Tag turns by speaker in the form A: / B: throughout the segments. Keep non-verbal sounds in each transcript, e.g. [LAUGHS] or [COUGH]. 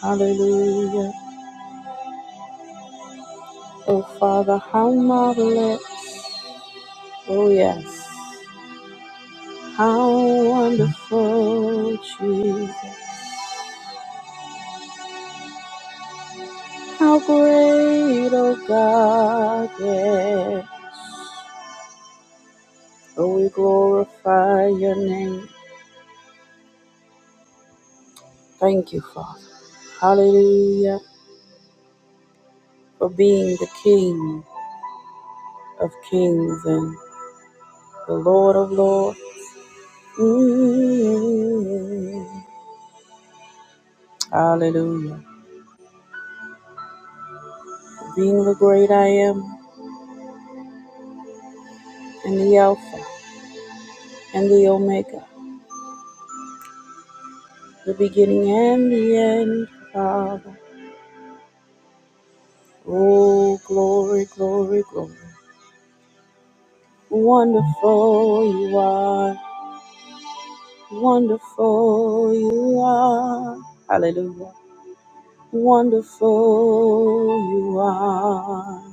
A: Hallelujah. Oh, Father, how marvelous. Oh, yes. How wonderful, Jesus. How great, oh God. Yeah. Oh, we glorify your name. Thank you, Father. Hallelujah. For being the King of kings and the Lord of lords. Mm. Hallelujah. For being the great I am and the Alpha. and the Omega, the beginning and the end, Father. Oh, glory, glory, glory. Wonderful you are, wonderful you are. Hallelujah. Wonderful you are.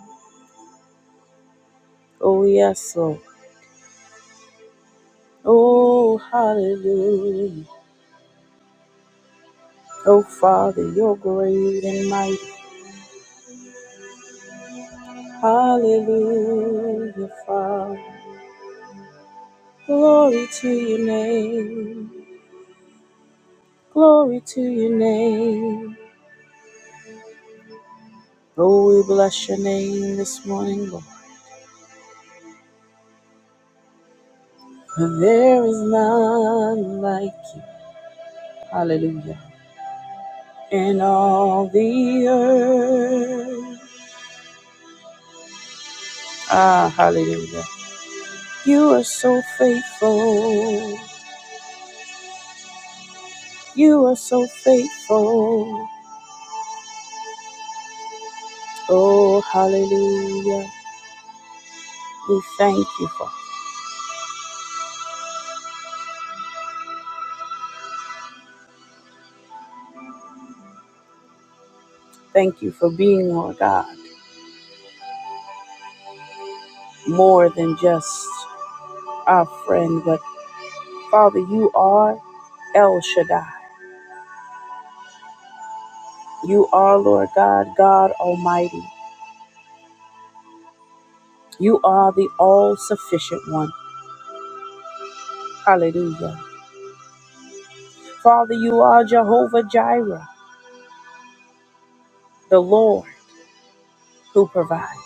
A: Oh, yes, Lord. Oh, hallelujah. Oh, Father, you're great and mighty. Hallelujah, Father. Glory to your name. Glory to your name. Oh, we bless your name this morning, Lord. For There is none like you. Hallelujah. In all the earth. Ah, hallelujah. You are so faithful. You are so faithful. Oh, hallelujah. We thank you for thank you for being our God. More than just our friend, but Father, you are El Shaddai. You are, Lord God, God Almighty. You are the all sufficient one. Hallelujah. Father, you are Jehovah Jireh, the Lord who provides.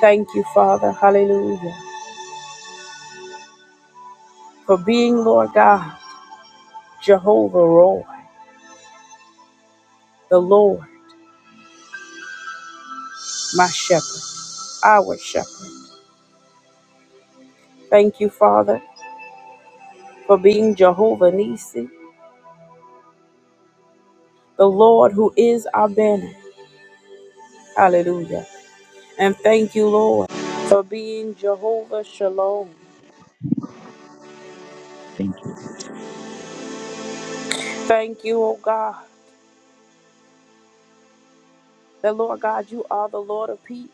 A: Thank you, Father. Hallelujah. For being, Lord God, Jehovah Roy, the Lord, my shepherd, our shepherd. Thank you, Father, for being Jehovah Nisi, the Lord who is our banner. Hallelujah. And thank you, Lord, for being Jehovah Shalom.
B: Thank you.
A: Thank you, O God, that Lord God, you are the Lord of peace.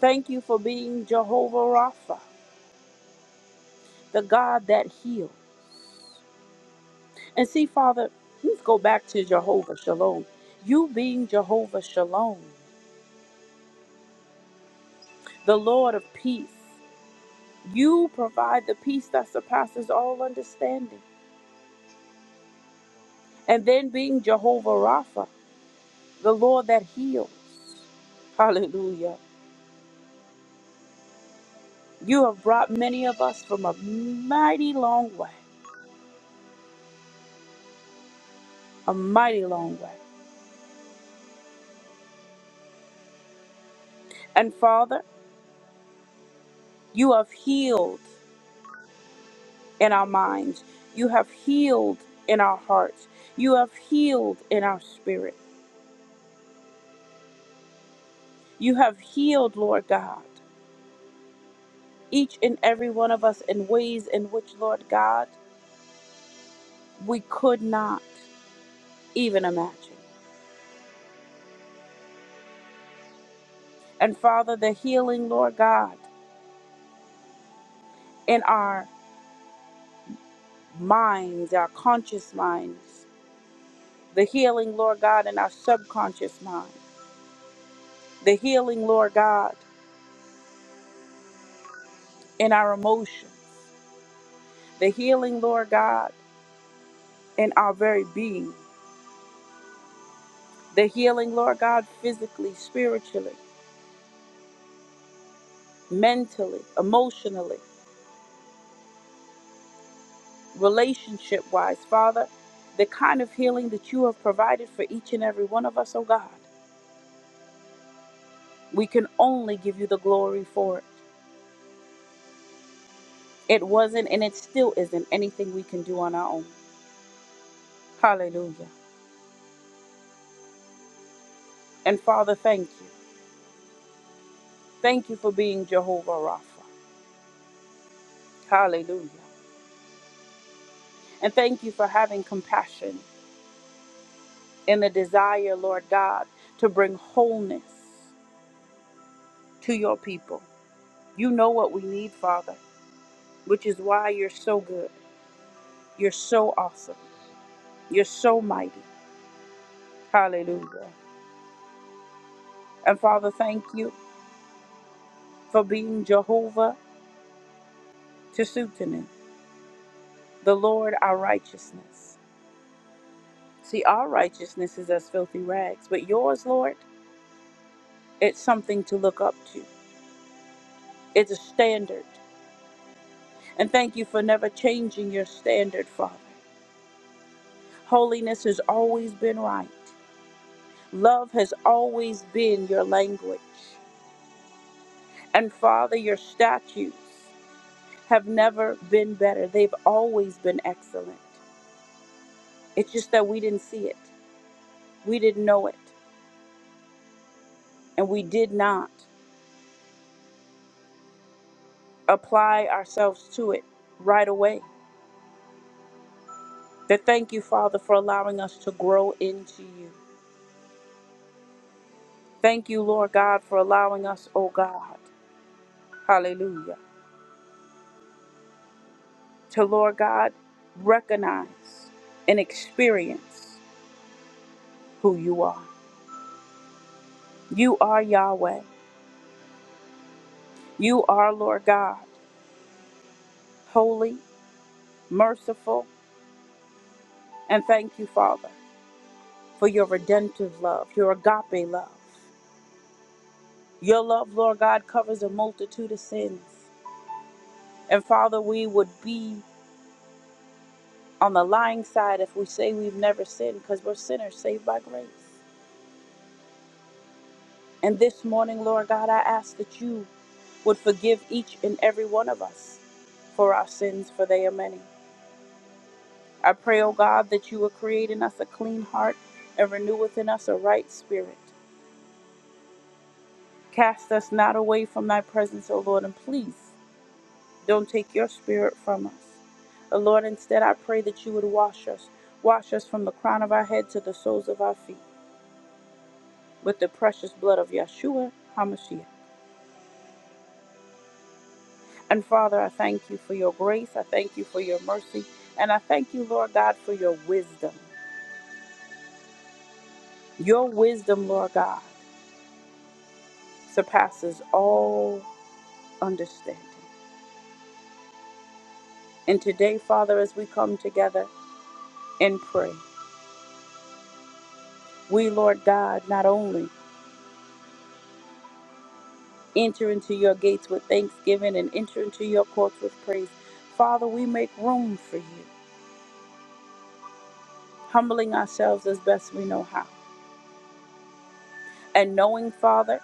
A: Thank you for being Jehovah Rapha, the God that heals. And see, Father, let's go back to Jehovah Shalom. You being Jehovah Shalom, the Lord of peace, you provide the peace that surpasses all understanding. And then being Jehovah Rapha, the Lord that heals. Hallelujah. You have brought many of us from a mighty long way, a mighty long way. And Father, you have healed in our minds. You have healed in our hearts. You have healed in our spirit. You have healed, Lord God, each and every one of us in ways in which, Lord God, we could not even imagine. And Father, the healing, Lord God, in our minds, our conscious minds, the healing, Lord God, in our subconscious mind, the healing, Lord God, in our emotions the healing, Lord God, in our very being, the healing, Lord God, physically, spiritually, mentally, emotionally, relationship wise, Father, the kind of healing that you have provided for each and every one of us, oh God. We can only give you the glory for it. It wasn't and it still isn't anything we can do on our own. Hallelujah. And Father, thank you. Thank you for being Jehovah Rapha. Hallelujah. And thank you for having compassion and a desire, Lord God, to bring wholeness to your people. You know what we need, Father, which is why you're so good. You're so awesome. You're so mighty. Hallelujah. And Father, thank you for being Jehovah Tisutenin, the Lord our righteousness. See, our righteousness is as filthy rags, but yours, Lord, it's something to look up to. It's a standard. And thank you for never changing your standard, Father. Holiness has always been right. Love has always been your language. And Father, your statutes have never been better. They've always been excellent. It's just that we didn't see it, we didn't know it, and we did not apply ourselves to it right away. But thank you, Father, for allowing us to grow into you. Thank you, Lord God, for allowing us, oh God. Hallelujah to, Lord God, recognize and experience who you are. You are Yahweh. You are, Lord God, holy, merciful, and thank you, Father, for your redemptive love, your agape love. Your love, Lord God, covers a multitude of sins. And Father, we would be on the lying side if we say we've never sinned because we're sinners saved by grace. And this morning, Lord God, I ask that you would forgive each and every one of us for our sins, for they are many. I pray, O God, that you would create in us a clean heart and renew within us a right spirit. Cast us not away from thy presence, O Lord, and please don't take your spirit from us. O Lord, instead I pray that you would wash us, wash us from the crown of our head to the soles of our feet with the precious blood of Yeshua HaMashiach. And Father, I thank you for your grace. I thank you for your mercy. And I thank you, Lord God, for your wisdom. Your wisdom, Lord God, surpasses all understanding. And today, Father, as we come together and pray, we, Lord God, not only enter into your gates with thanksgiving and enter into your courts with praise, Father, we make room for you, humbling ourselves as best we know how. And knowing, Father,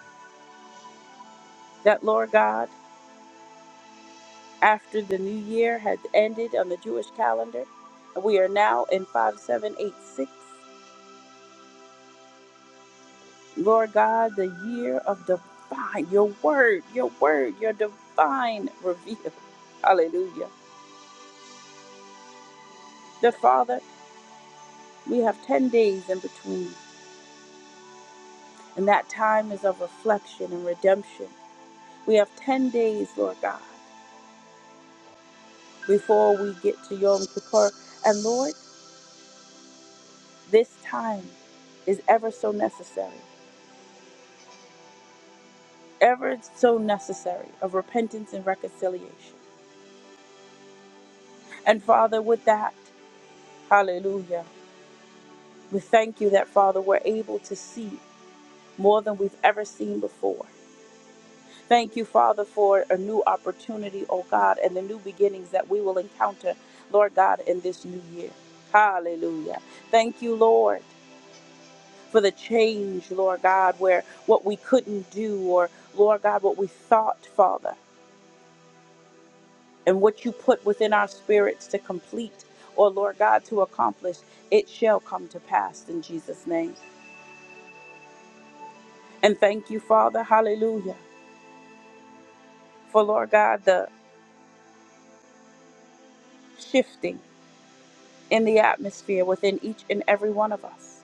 A: that, Lord God, after the new year had ended on the Jewish calendar. And we are now in 5786. Lord God, the year of divine, your word, your word, your divine reveal. [LAUGHS] Hallelujah. The Father, we have 10 days in between, and that time is of reflection and redemption. We have 10 days, Lord God, before we get to Yom Kippur. And Lord, this time is ever so necessary. ever so necessary of repentance and reconciliation. And Father, with that, hallelujah, we thank you that, Father, we're able to see more than we've ever seen before. Thank you, Father, for a new opportunity, oh God, and the new beginnings that we will encounter, Lord God, in this new year. Hallelujah. Thank you, Lord, for the change, Lord God, where what we couldn't do or, Lord God, what we thought, Father. and what you put within our spirits to complete or Lord God to accomplish, it shall come to pass in Jesus' name. And thank you, Father, hallelujah, for Lord God, the shifting in the atmosphere within each and every one of us.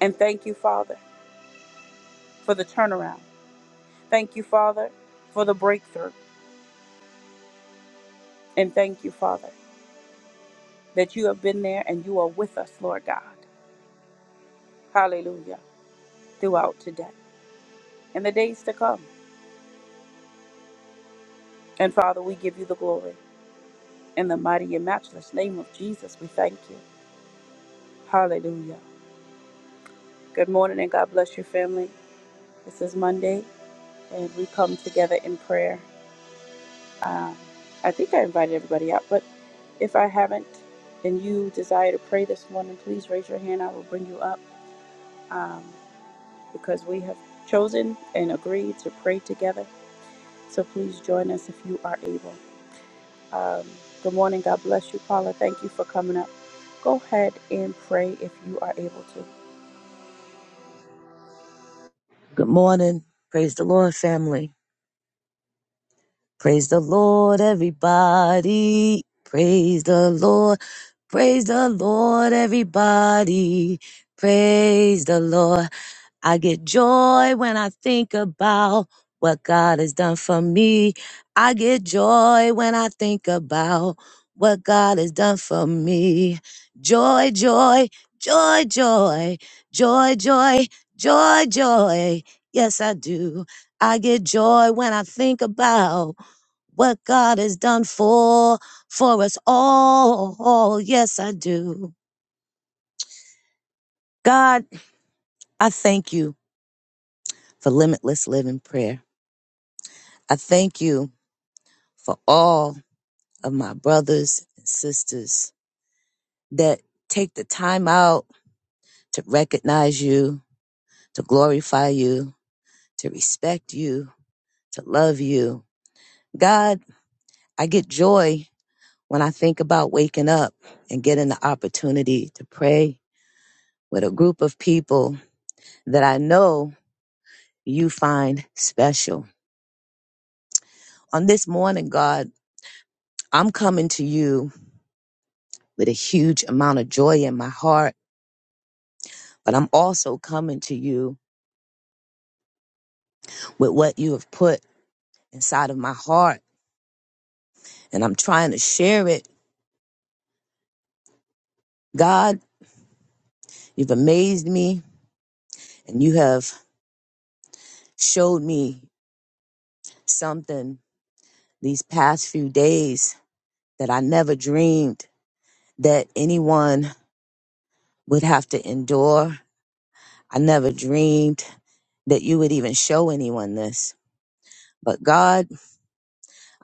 A: And thank you, Father, for the turnaround. Thank you, Father, for the breakthrough. And thank you, Father, that you have been there and you are with us, Lord God. Hallelujah, throughout today and the days to come. And Father, we give you the glory. In the mighty and matchless name of Jesus, we thank you. Hallelujah. Good morning and God bless your family. This is Monday and we come together in prayer. Um, I think I invited everybody out, but if I haven't and you desire to pray this morning, please raise your hand. I will bring you up um, because we have chosen and agreed to pray together. So please join us if you are able. Um, good morning. God bless you, Paula. Thank you for coming up. Go ahead and pray if you are able to.
B: Good morning. Praise the Lord, family. Praise the Lord, everybody. Praise the Lord. Praise the Lord, everybody. Praise the Lord. I get joy when I think about what God has done for me. I get joy when I think about what God has done for me. Joy, joy, joy, joy, joy, joy, joy, joy. Yes, I do. I get joy when I think about what God has done for for us all. Yes, I do. God, I thank you for limitless living prayer. I thank you for all of my brothers and sisters that take the time out to recognize you, to glorify you, to respect you, to love you. God, I get joy when I think about waking up and getting the opportunity to pray with a group of people that I know you find special. On this morning, God, I'm coming to you with a huge amount of joy in my heart but I'm also coming to you with what you have put inside of my heart and I'm trying to share it. God, you've amazed me and you have showed me something these past few days that I never dreamed that anyone would have to endure. I never dreamed that you would even show anyone this. But God,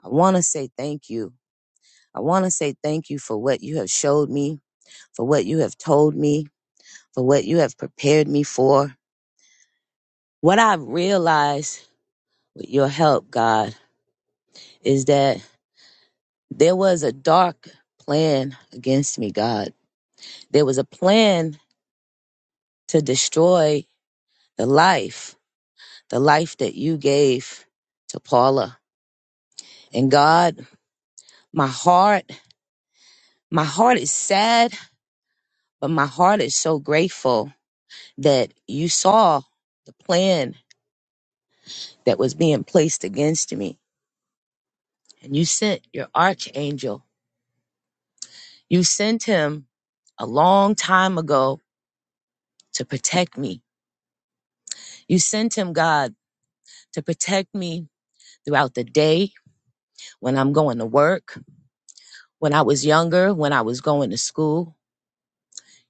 B: I want to say thank you. I want to say thank you for what you have showed me, for what you have told me, for what you have prepared me for. What I've realized with your help, God, is that there was a dark plan against me, God. There was a plan to destroy the life, the life that you gave to Paula. And God, my heart, my heart is sad, but my heart is so grateful that you saw the plan that was being placed against me. And you sent your archangel You sent him a long time ago to protect me. You sent him, God, to protect me throughout the day, when I'm going to work, when I was younger, when I was going to school.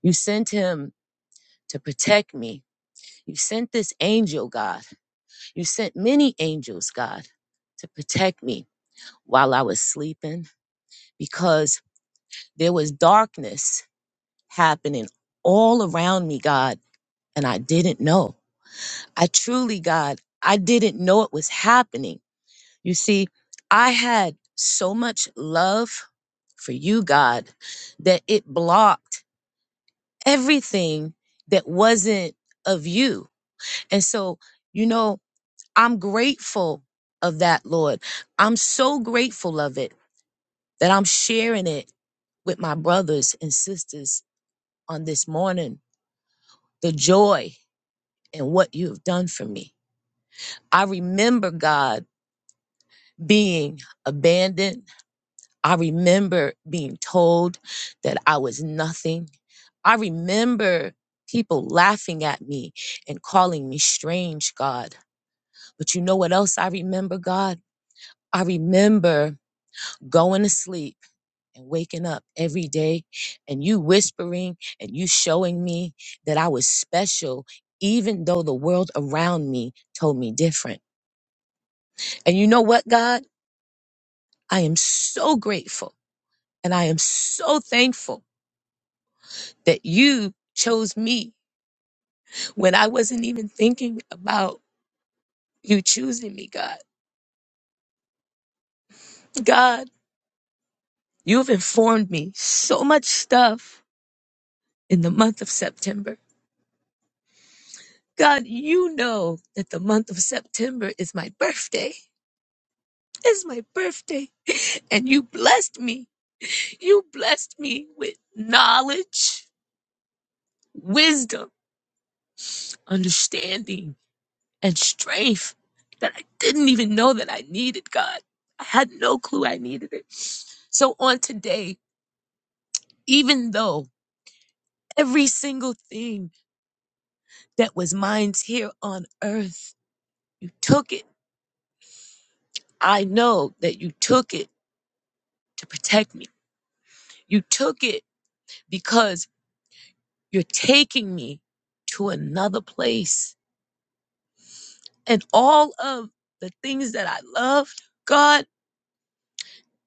B: You sent him to protect me. You sent this angel, God. You sent many angels, God, to protect me while I was sleeping because there was darkness happening all around me, God, and I didn't know. I truly, God, I didn't know it was happening. You see, I had so much love for you, God, that it blocked everything that wasn't of you. And so, you know, I'm grateful of that, Lord. I'm so grateful of it that I'm sharing it with my brothers and sisters on this morning the joy and what you have done for me. I remember, God. being abandoned. I remember being told that I was nothing. I remember people laughing at me and calling me strange, God. But you know what else I remember, God? I remember going to sleep and waking up every day and you whispering and you showing me that I was special, even though the world around me told me different. And you know what, God? I am so grateful And I am so thankful that you chose me when I wasn't even thinking about you choosing me, God. God, you have informed me so much stuff in the month of September. God, you know that the month of September is my birthday. It's my birthday. [LAUGHS] And you blessed me. You blessed me with knowledge, wisdom, understanding and strength that I didn't even know that I needed, God. I had no clue I needed it. So on today, even though every single thing that was mine here on earth, you took it. I know that you took it to protect me. You took it because you're taking me to another place. And all of the things that I loved, God.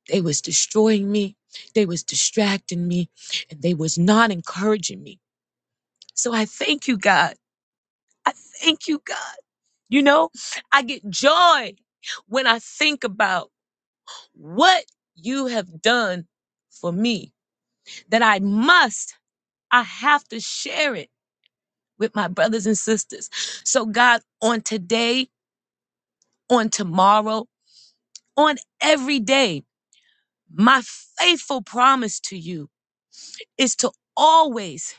B: They was destroying me. They was distracting me and they was not encouraging me. So I thank you, God. I thank you, God. You know, I get joy when I think about what you have done for me that I must, I have to share it with my brothers and sisters. So God, on today, on tomorrow, on every day, my faithful promise to you is to always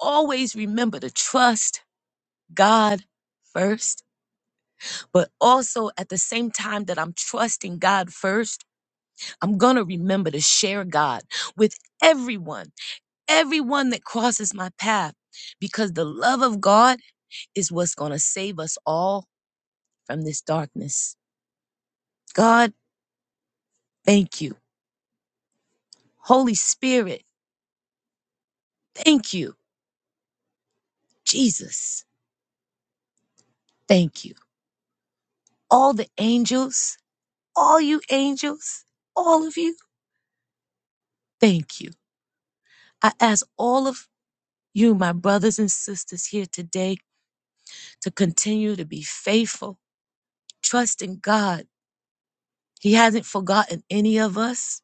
B: always remember to trust God first, but also at the same time that I'm trusting God first, I'm going to remember to share God with everyone, everyone that crosses my path, because the love of God is what's going to save us all from this darkness. God, thank you. Holy Spirit, thank you. Jesus, thank you. All the angels, all you angels, all of you, thank you. I ask all of you, my brothers and sisters here today, to continue to be faithful, trust in God. He hasn't forgotten any of us.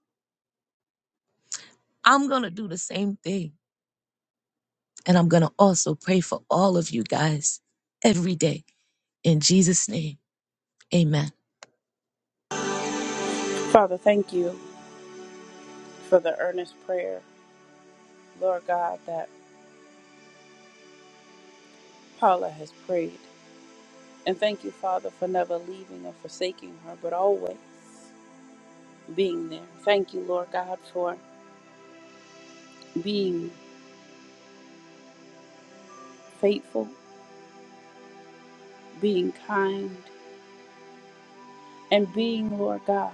B: I'm going to do the same thing. And I'm going to also pray for all of you guys every day. In Jesus' name, amen.
A: Father, thank you for the earnest prayer, Lord God, that Paula has prayed. And thank you, Father, for never leaving or forsaking her, but always being there. Thank you, Lord God, for being faithful, being kind, and being, Lord God,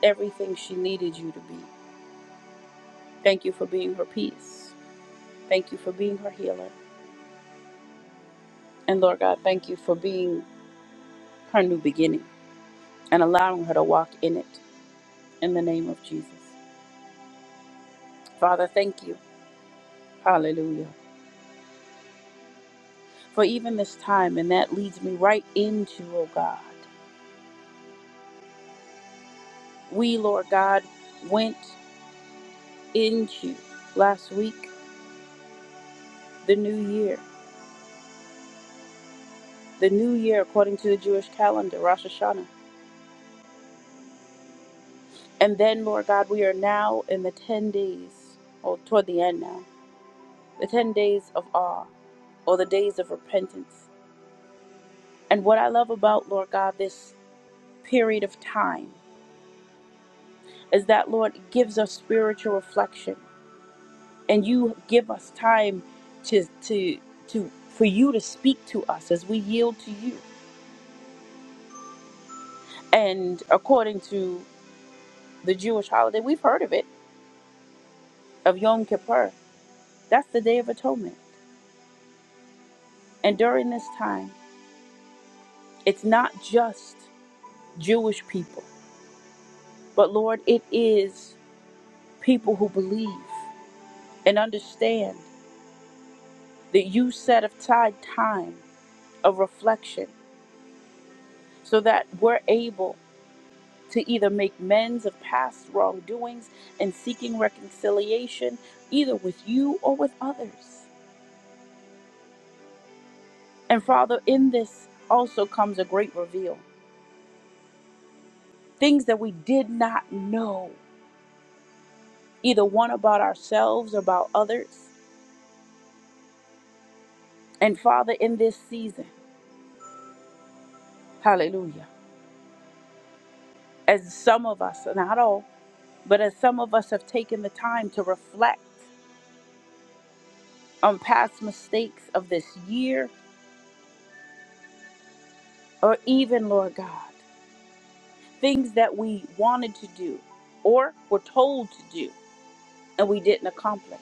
A: everything she needed you to be. Thank you for being her peace. Thank you for being her healer. And Lord God, thank you for being her new beginning and allowing her to walk in it in the name of Jesus. Father, thank you Hallelujah. For even this time, and that leads me right into, oh God. We, Lord God, went into last week the new year, the new year according to the Jewish calendar, Rosh Hashanah. And then, Lord God, we are now in the 10 days, or toward the end now, the 10 days of awe, or the days of repentance. And what I love about, Lord God, this period of time is that, Lord, it gives us spiritual reflection and you give us time to to to for you to speak to us as we yield to you. And according to the Jewish holiday, we've heard of it, of Yom Kippur. That's the Day of Atonement. And during this time, it's not just Jewish people, but Lord, it is people who believe and understand that you set aside time of reflection so that we're able to either make amends of past wrongdoings and seeking reconciliation, either with you or with others. And Father, in this also comes a great reveal things that we did not know, either one about ourselves, or about others. And Father, in this season, hallelujah, as some of us, not all, but as some of us have taken the time to reflect on past mistakes of this year or even, Lord God. things that we wanted to do or were told to do and we didn't accomplish.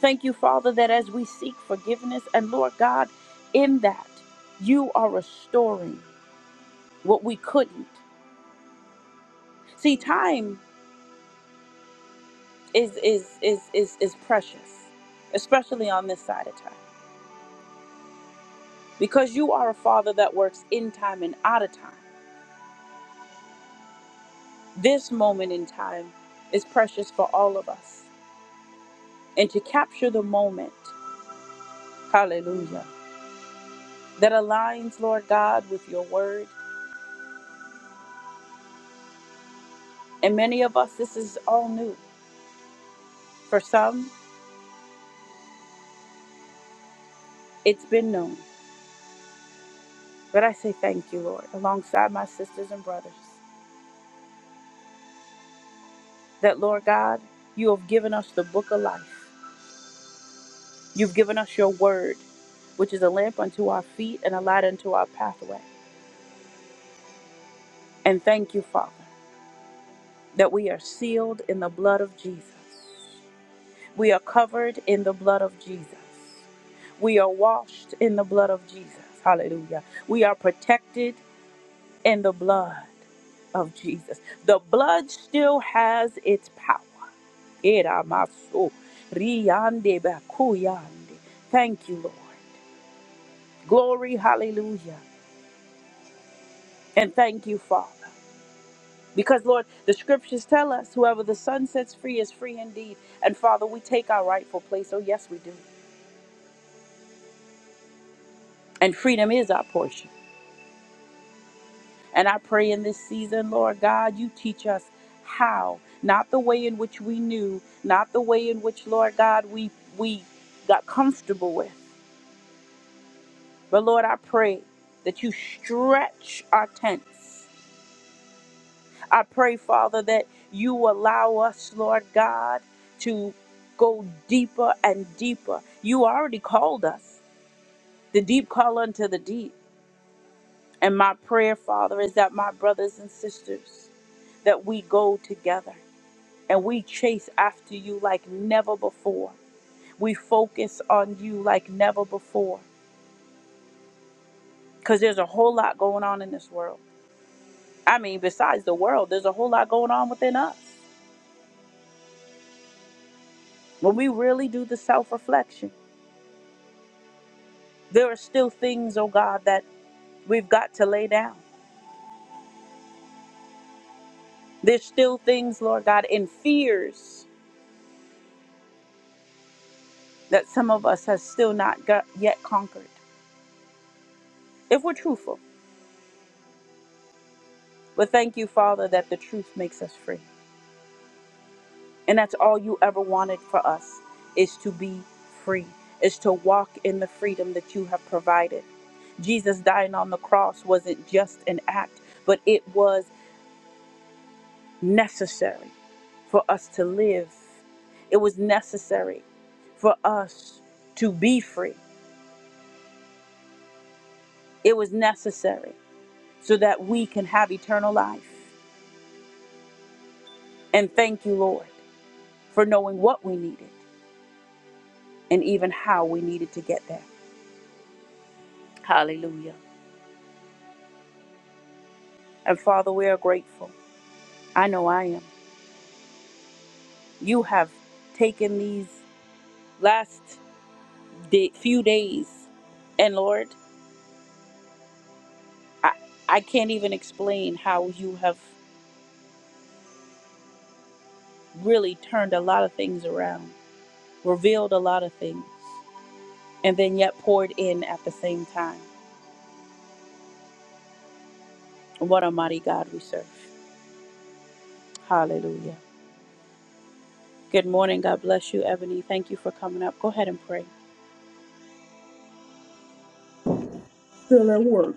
A: Thank you, Father, that as we seek forgiveness, and Lord God, in that you are restoring what we couldn't. See, time is is is is is precious, especially on this side of time. Because you are a father that works in time and out of time. This moment in time is precious for all of us. And to capture the moment, hallelujah. that aligns, Lord God, with your word. And many of us, this is all new. For some, it's been known. But I say thank you, Lord, alongside my sisters and brothers, that, Lord God, you have given us the book of life. You've given us your word, which is a lamp unto our feet and a light unto our pathway. And thank you, Father, that we are sealed in the blood of Jesus. We are covered in the blood of Jesus. We are washed in the blood of Jesus. Hallelujah. We are protected in the blood of Jesus. The blood still has its power. Eramasu, riyande bakuyande. Thank you, Lord. Glory, hallelujah. And thank you, Father. Because, Lord, the scriptures tell us whoever the Son sets free is free indeed. And, Father, we take our rightful place. Oh, yes, we do. And freedom is our portion. And I pray in this season, Lord God, you teach us how, not the way in which we knew, not the way in which, Lord God, we we got comfortable with. But Lord, I pray that you stretch our tents. I pray, Father, that you allow us, Lord God, to go deeper and deeper. You already called us. The deep call unto the deep. And my prayer, Father, is that my brothers and sisters, that we go together and we chase after you like never before. We focus on you like never before because there's a whole lot going on in this world. I mean, besides the world, there's a whole lot going on within us. When we really do the self reflection, there are still things, oh God, that we've got to lay down. There's still things, Lord God, in fears that some of us have still not got yet conquered, if we're truthful. But thank you, Father, that the truth makes us free. And that's all you ever wanted for us is to be free, is to walk in the freedom that you have provided. Jesus dying on the cross wasn't just an act, but it was necessary for us to live. It was necessary for us to be free. It was necessary so that we can have eternal life. And thank you, Lord, for knowing what we needed and even how we needed to get there. Hallelujah. And Father, we are grateful. I know I am. You have taken these last day, few days, and Lord, I, I can't even explain how you have really turned a lot of things around, revealed a lot of things, and then yet poured in at the same time. What a mighty God we serve. Hallelujah. Good morning. God bless you, Ebony. Thank you for coming up. Go ahead and pray.
C: still at work.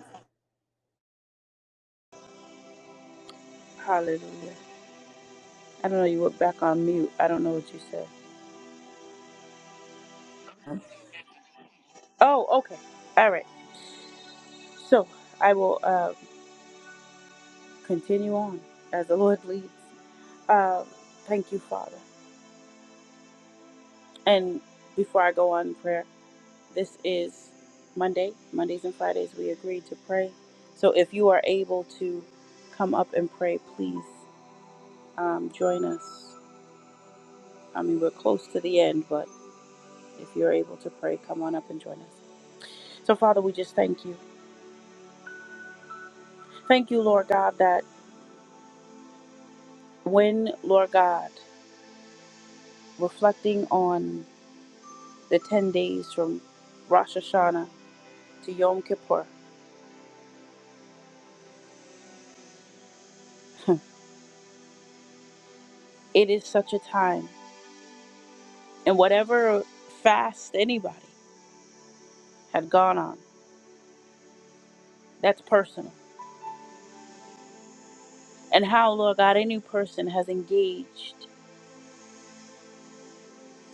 A: Hallelujah. I don't know, you were back on mute. I don't know what you said. Oh, okay. All right. So I will uh, continue on as the Lord leads. Um, thank you, Father. And before I go on in prayer, this is Monday. Mondays and Fridays, we agreed to pray. So if you are able to come up and pray, please um, join us. I mean, we're close to the end, but if you're able to pray, come on up and join us. So, Father, we just thank you. Thank you, Lord God, that when, Lord God, reflecting on the 10 days from Rosh Hashanah to Yom Kippur. It is such a time. And whatever fast anybody had gone on, that's personal. And how, Lord God, any person has engaged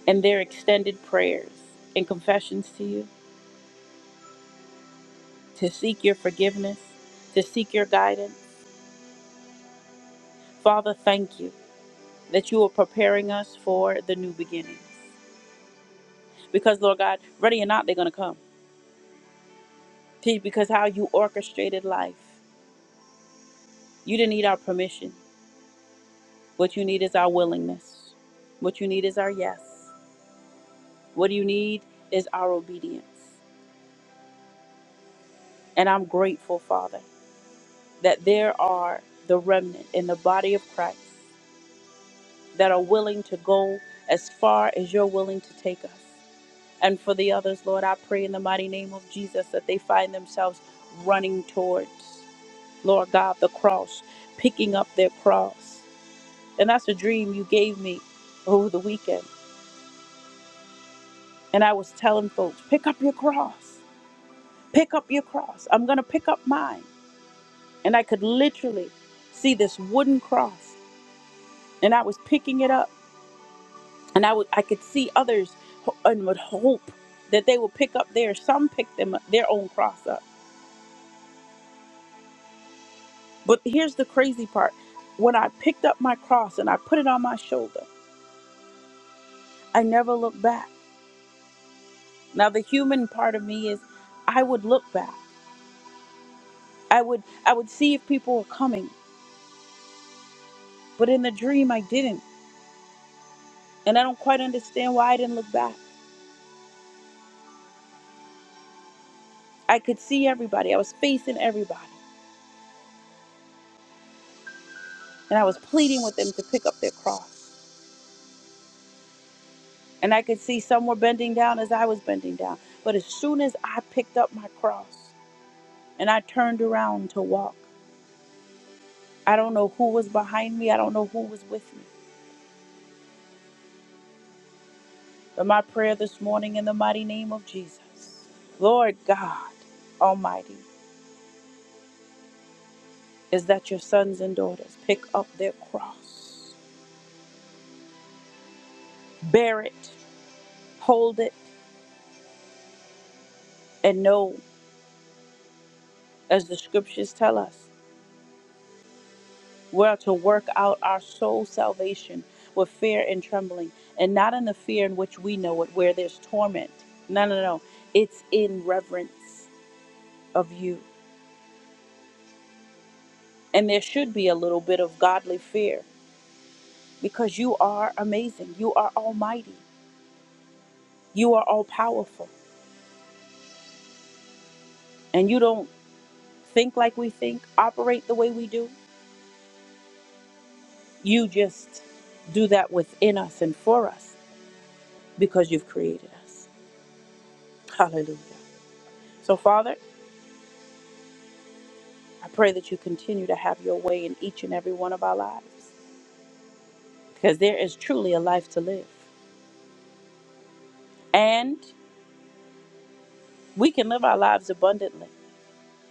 A: in their extended prayers and confessions to you to seek your forgiveness, to seek your guidance. Father, thank you that you are preparing us for the new beginnings. Because, Lord God, ready or not, they're going to come. T, because how you orchestrated life, you didn't need our permission. What you need is our willingness. What you need is our yes. What you need is our obedience. And I'm grateful, Father, that there are the remnant in the body of Christ that are willing to go as far as you're willing to take us. And for the others, Lord, I pray in the mighty name of Jesus that they find themselves running towards, Lord God, the cross, picking up their cross. And that's a dream you gave me over the weekend. And I was telling folks, pick up your cross. Pick up your cross. I'm going to pick up mine. And I could literally see this wooden cross. And I was picking it up. And I would I could see others ho- and would hope that they would pick up theirs. Some picked them their own cross up. But here's the crazy part. When I picked up my cross and I put it on my shoulder, I never looked back. Now the human part of me is I would look back. I would I would see if people were coming, but in the dream I didn't, and I don't quite understand why I didn't look back. I could see everybody. I was facing everybody, and I was pleading with them to pick up their cross. And I could see some were bending down as I was bending down. But as soon as I picked up my cross and I turned around to walk, I don't know who was behind me. I don't know who was with me. But my prayer this morning in the mighty name of Jesus, Lord God Almighty. is that your sons and daughters pick up their cross, bear it, hold it, and know, as the scriptures tell us, we're to work out our soul salvation with fear and trembling, and not in the fear in which we know it, where there's torment. No, no, no. It's in reverence of you. And there should be a little bit of godly fear because you are amazing. You are almighty. You are all powerful. And you don't think like we think, operate the way we do. You just do that within us and for us because you've created us. Hallelujah. So, Father, I pray that you continue to have your way in each and every one of our lives because there is truly a life to live. And we can live our lives abundantly,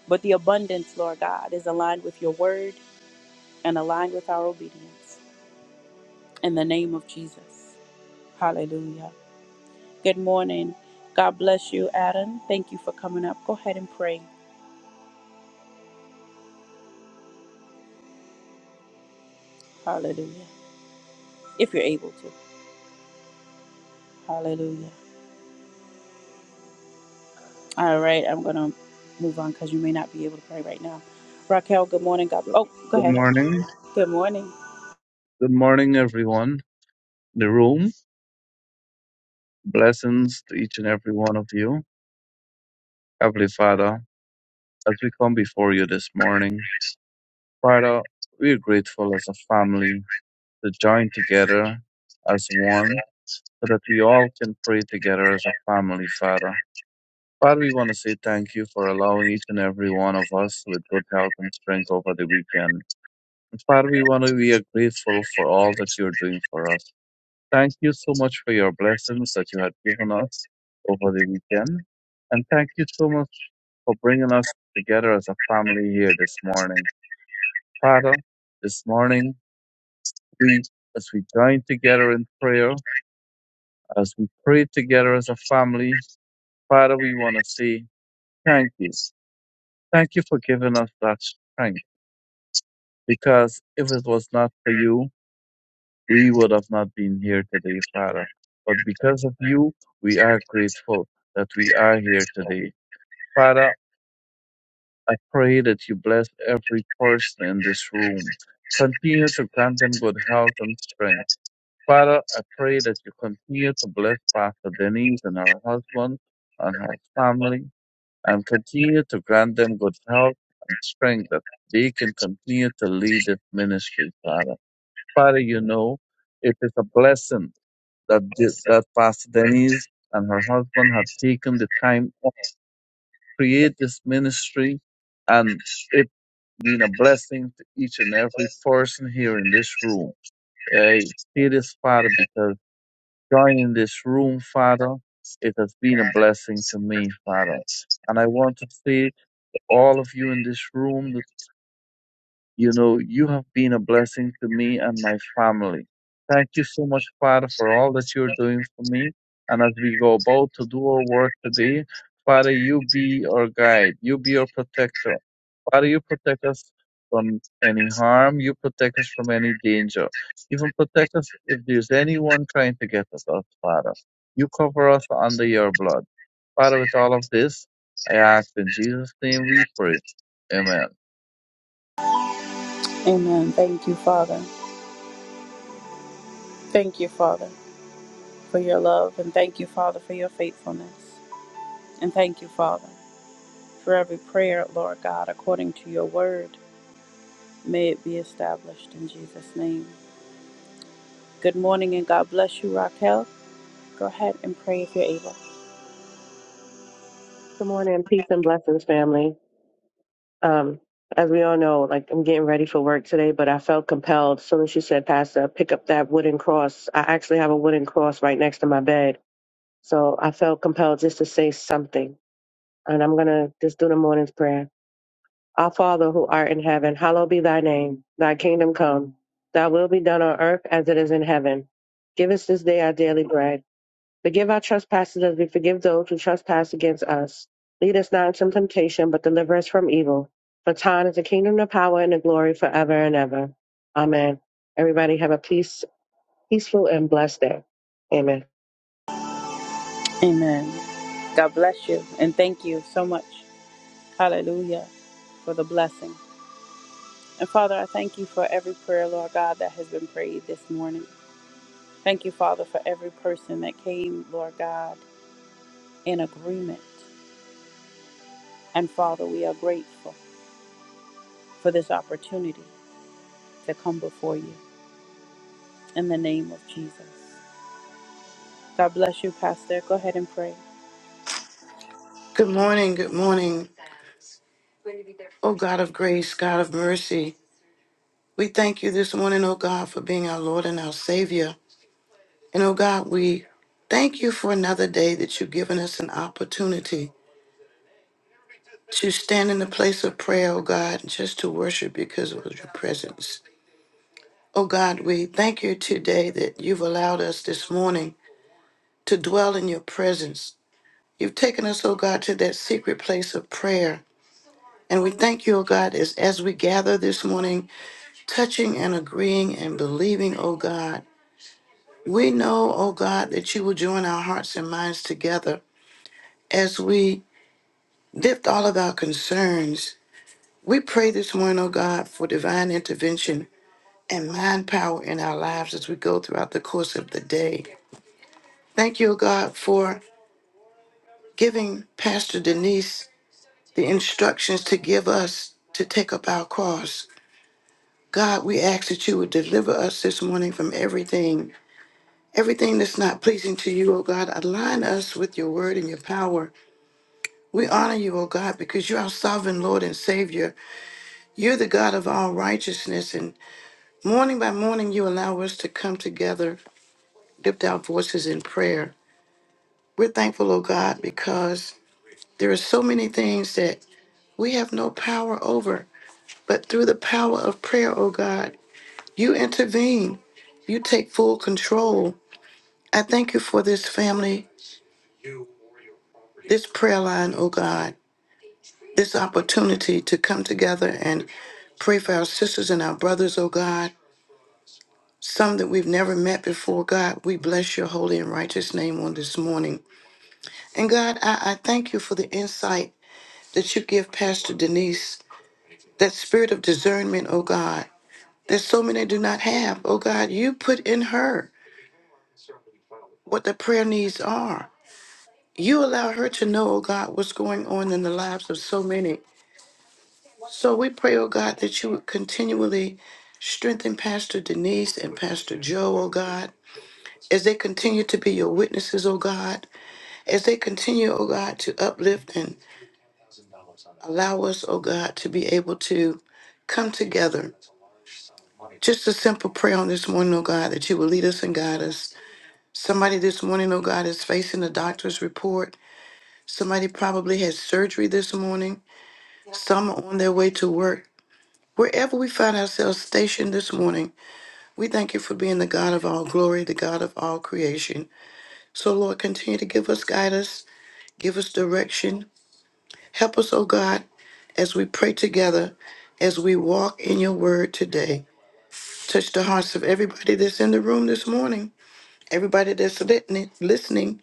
A: but the abundance, Lord God, is aligned with your word and aligned with our obedience. In the name of Jesus. Hallelujah. Good morning. God bless you, Adam. Thank you for coming up. Go ahead and pray. Hallelujah. If you're able to. Hallelujah. All right, I'm going to move on because you may not be able to pray right now. Raquel, good morning. God. Oh, go
D: Good
A: ahead.
D: morning.
A: Good morning.
D: Good morning, everyone. in The room. Blessings to each and every one of you. Heavenly Father, as we come before you this morning, Father, we are grateful as a family to join together as one so that we all can pray together as a family, Father. Father, we want to say thank you for allowing each and every one of us with good health and strength over the weekend. And Father, we want to, we are grateful for all that you're doing for us. Thank you so much for your blessings that you had given us over the weekend. And thank you so much for bringing us together as a family here this morning. Father, this morning, we, as we join together in prayer, as we pray together as a family, Father, we want to say thank you. Thank you for giving us that strength because if it was not for you, we would have not been here today, Father. But because of you, we are grateful that we are here today. Father, I pray that you bless every person in this room. Continue to grant them good health and strength. Father, I pray that you continue to bless Pastor Denise and her husband and her family and continue to grant them good health and strength that they can continue to lead this ministry, Father. Father, you know, it is a blessing that, this, that Pastor Denise and her husband have taken the time create this ministry and it being a blessing to each and every person here in this room. I say this, Father, because joining this room, Father, it has been a blessing to me, Father. And I want to say to all of you in this room that, you know, you have been a blessing to me and my family. Thank you so much, Father, for all that you're doing for me. And as we go about to do our work today, Father, you be our guide. You be our protector. Father, you protect us from any harm. You protect us from any danger. Even protect us if there's anyone trying to get at us, Father. You cover us under your blood. Father, with all of this, I ask in Jesus' name we pray. Amen.
A: Amen. Thank you, Father. Thank you, Father, for your love. And thank you, Father, for your faithfulness. And thank you, Father, for every prayer, Lord God, according to your word. May it be established in Jesus' name. Good morning and God bless you, Raquel. Go ahead and pray if you're able.
E: Good morning, peace and blessings, family. Um, as we all know, like I'm getting ready for work today, but I felt compelled. As soon as you said, Pastor, pick up that wooden cross. I actually have a wooden cross right next to my bed, so I felt compelled just to say something. And I'm gonna just do the morning's prayer. Our Father who art in heaven, hallowed be thy name. Thy kingdom come. Thy will be done on earth as it is in heaven. Give us this day our daily bread Forgive our trespasses as we forgive those who trespass against us. Lead us not into temptation, but deliver us from evil. For thine is the kingdom, the power, and the glory forever and ever. Amen. Everybody have a peace, peaceful and blessed day. Amen.
A: Amen. God bless you and thank you so much. Hallelujah for the blessing. And Father, I thank you for every prayer, Lord God, that has been prayed this morning. Thank you, Father, for every person that came, Lord God, in agreement. And Father, we are grateful for this opportunity to come before you in the name of Jesus. God bless you, Pastor. Go ahead and pray.
F: Good morning, good morning. O God of grace, God of mercy, we thank you this morning, O God, for being our Lord and our Savior. And O God, we thank you for another day that you've given us an opportunity to stand in the place of prayer, O God, and just to worship because of your presence. O God, we thank you today that you've allowed us this morning to dwell in your presence. You've taken us, O God, to that secret place of prayer And we thank you, O God, as, as we gather this morning, touching and agreeing and believing, O God. We know, O God, that you will join our hearts and minds together as we lift all of our concerns. We pray this morning, O God, for divine intervention and mind power in our lives as we go throughout the course of the day. Thank you, O God, for giving Pastor Denise the instructions to give us to take up our cross. God, we ask that you would deliver us this morning from everything, everything that's not pleasing to you, O God. Align us with your word and your power. We honor you, O God, because you're our sovereign Lord and Savior. You're the God of all righteousness. And morning by morning, you allow us to come together, lift our voices in prayer. We're thankful, O God, because there are so many things that we have no power over. But through the power of prayer, O God, you intervene. You take full control. I thank you for this family, this prayer line, oh God, this opportunity to come together and pray for our sisters and our brothers, oh God, some that we've never met before. God, we bless your holy and righteous name on this morning. And God, I, I thank you for the insight that you give Pastor Denise, that spirit of discernment, oh God, that so many do not have. Oh God, you put in her what the prayer needs are. You allow her to know, oh God, what's going on in the lives of so many. So we pray, oh God, that you would continually strengthen Pastor Denise and Pastor Joe, oh God, as they continue to be your witnesses, oh God, as they continue, oh God, to uplift and allow us, oh God, to be able to come together. Just a simple prayer on this morning, oh God, that you will lead us and guide us. Somebody this morning, oh God, is facing a doctor's report. Somebody probably had surgery this morning. Some are on their way to work. Wherever we find ourselves stationed this morning, We thank you for being the God of all glory, the God of all creation. So, Lord, continue to give us guidance, give us direction. Help us, oh God, as we pray together, as we walk in your word today. Touch the hearts of everybody that's in the room this morning, everybody that's listening, listening,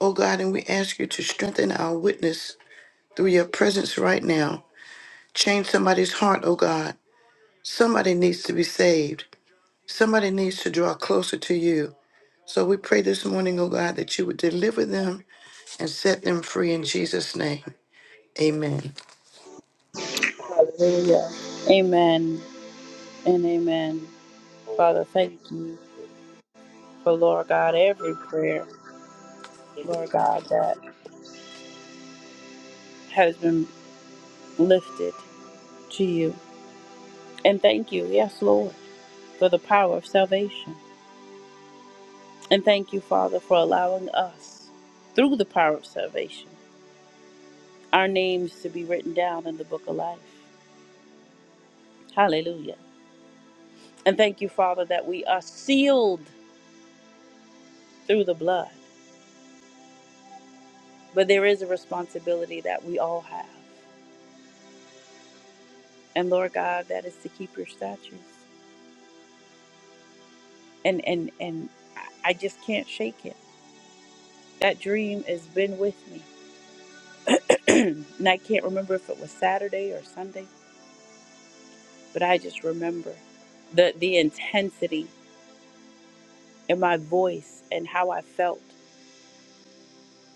F: oh God, and we ask you to strengthen our witness through your presence right now. Change somebody's heart, oh God. Somebody needs to be saved. Somebody needs to draw closer to you. So we pray this morning, oh God, that you would deliver them and set them free in Jesus' name. Amen.
A: Hallelujah. Amen and amen. Father, thank you for, Lord God, every prayer, Lord God, that has been lifted to you. And thank you, yes, Lord, for the power of salvation. And thank you, Father, for allowing us, through the power of salvation, our names to be written down in the book of life. Hallelujah. And thank you, Father, that we are sealed through the blood. But there is a responsibility that we all have. And Lord God, that is to keep your statutes. And and and I just can't shake it. That dream has been with me. [CLEARS THROAT] and I can't remember if it was Saturday or Sunday but I just remember the the intensity in my voice and how I felt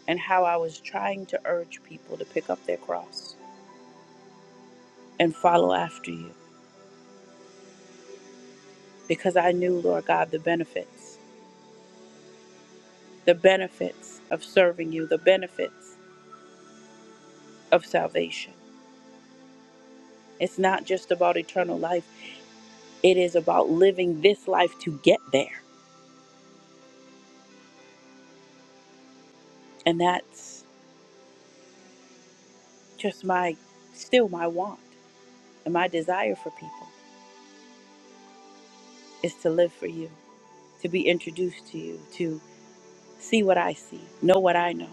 A: and how I was trying to urge people to pick up their cross and follow after you because I knew Lord God the benefits the benefits of serving you the benefits of salvation it's not just about eternal life it is about living this life to get there and that's just my still my want and my desire for people is to live for you to be introduced to you to see what I see, know what I know.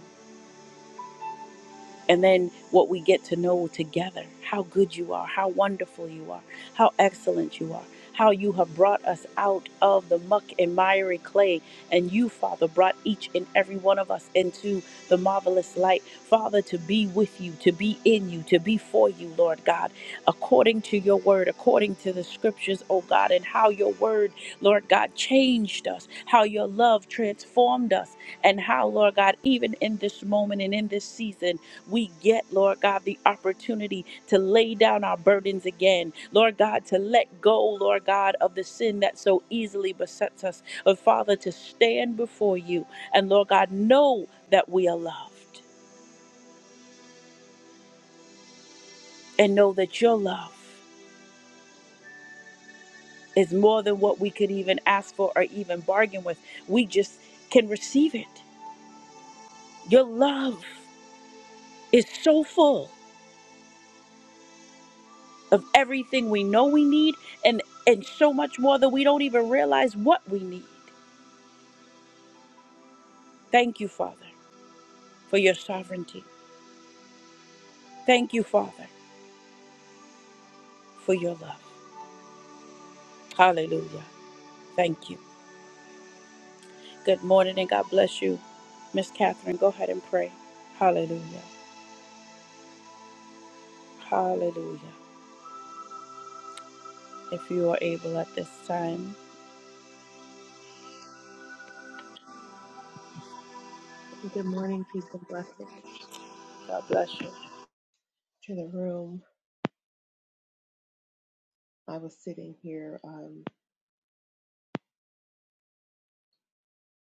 A: And then what we get to know together how good you are, how wonderful you are, how excellent you are, how you have brought us out of the muck and miry clay. And you, Father, brought each and every one of us into the marvelous light. Father, to be with you, to be in you, to be for you, Lord God, according to your word, according to the scriptures, oh God, and how your word, Lord God, changed us, how your love transformed us, and how, Lord God, even in this moment and in this season, we get, Lord God, the opportunity to lay down our burdens again. Lord God, to let go, Lord God, of the sin that so easily besets us. But Father, to stand before you and, Lord God, know that we are loved and know that your love is more than what we could even ask for or even bargain with. We just can receive it. Your love is so full of everything we know we need and and so much more that we don't even realize what we need. Thank you, Father, for your sovereignty. Thank you, Father, for your love. Hallelujah. Thank you. Good morning and God bless you. Miss Catherine, go ahead and pray. Hallelujah. Hallelujah. If you are able at this time,
G: Good morning, peace and blessings
A: God bless you.
G: to the room. I was sitting here um,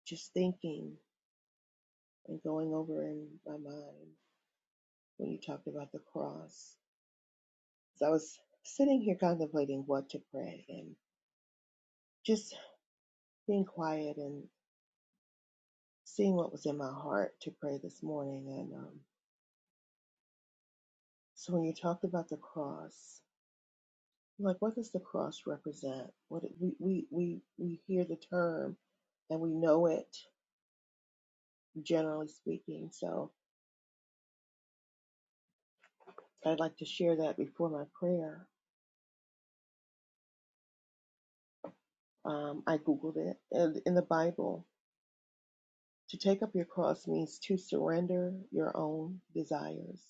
G: just thinking and going over in my mind when you talked about the cross. So I was sitting here contemplating what to pray and just being quiet and seeing what was in my heart to pray this morning. And um, so when you talked about the cross, I'm like what does the cross represent? What it- we we we we hear the term and we know it generally speaking. So I'd like to share that before my prayer. Um, I Googled it. And in the Bible, to take up your cross means to surrender your own desires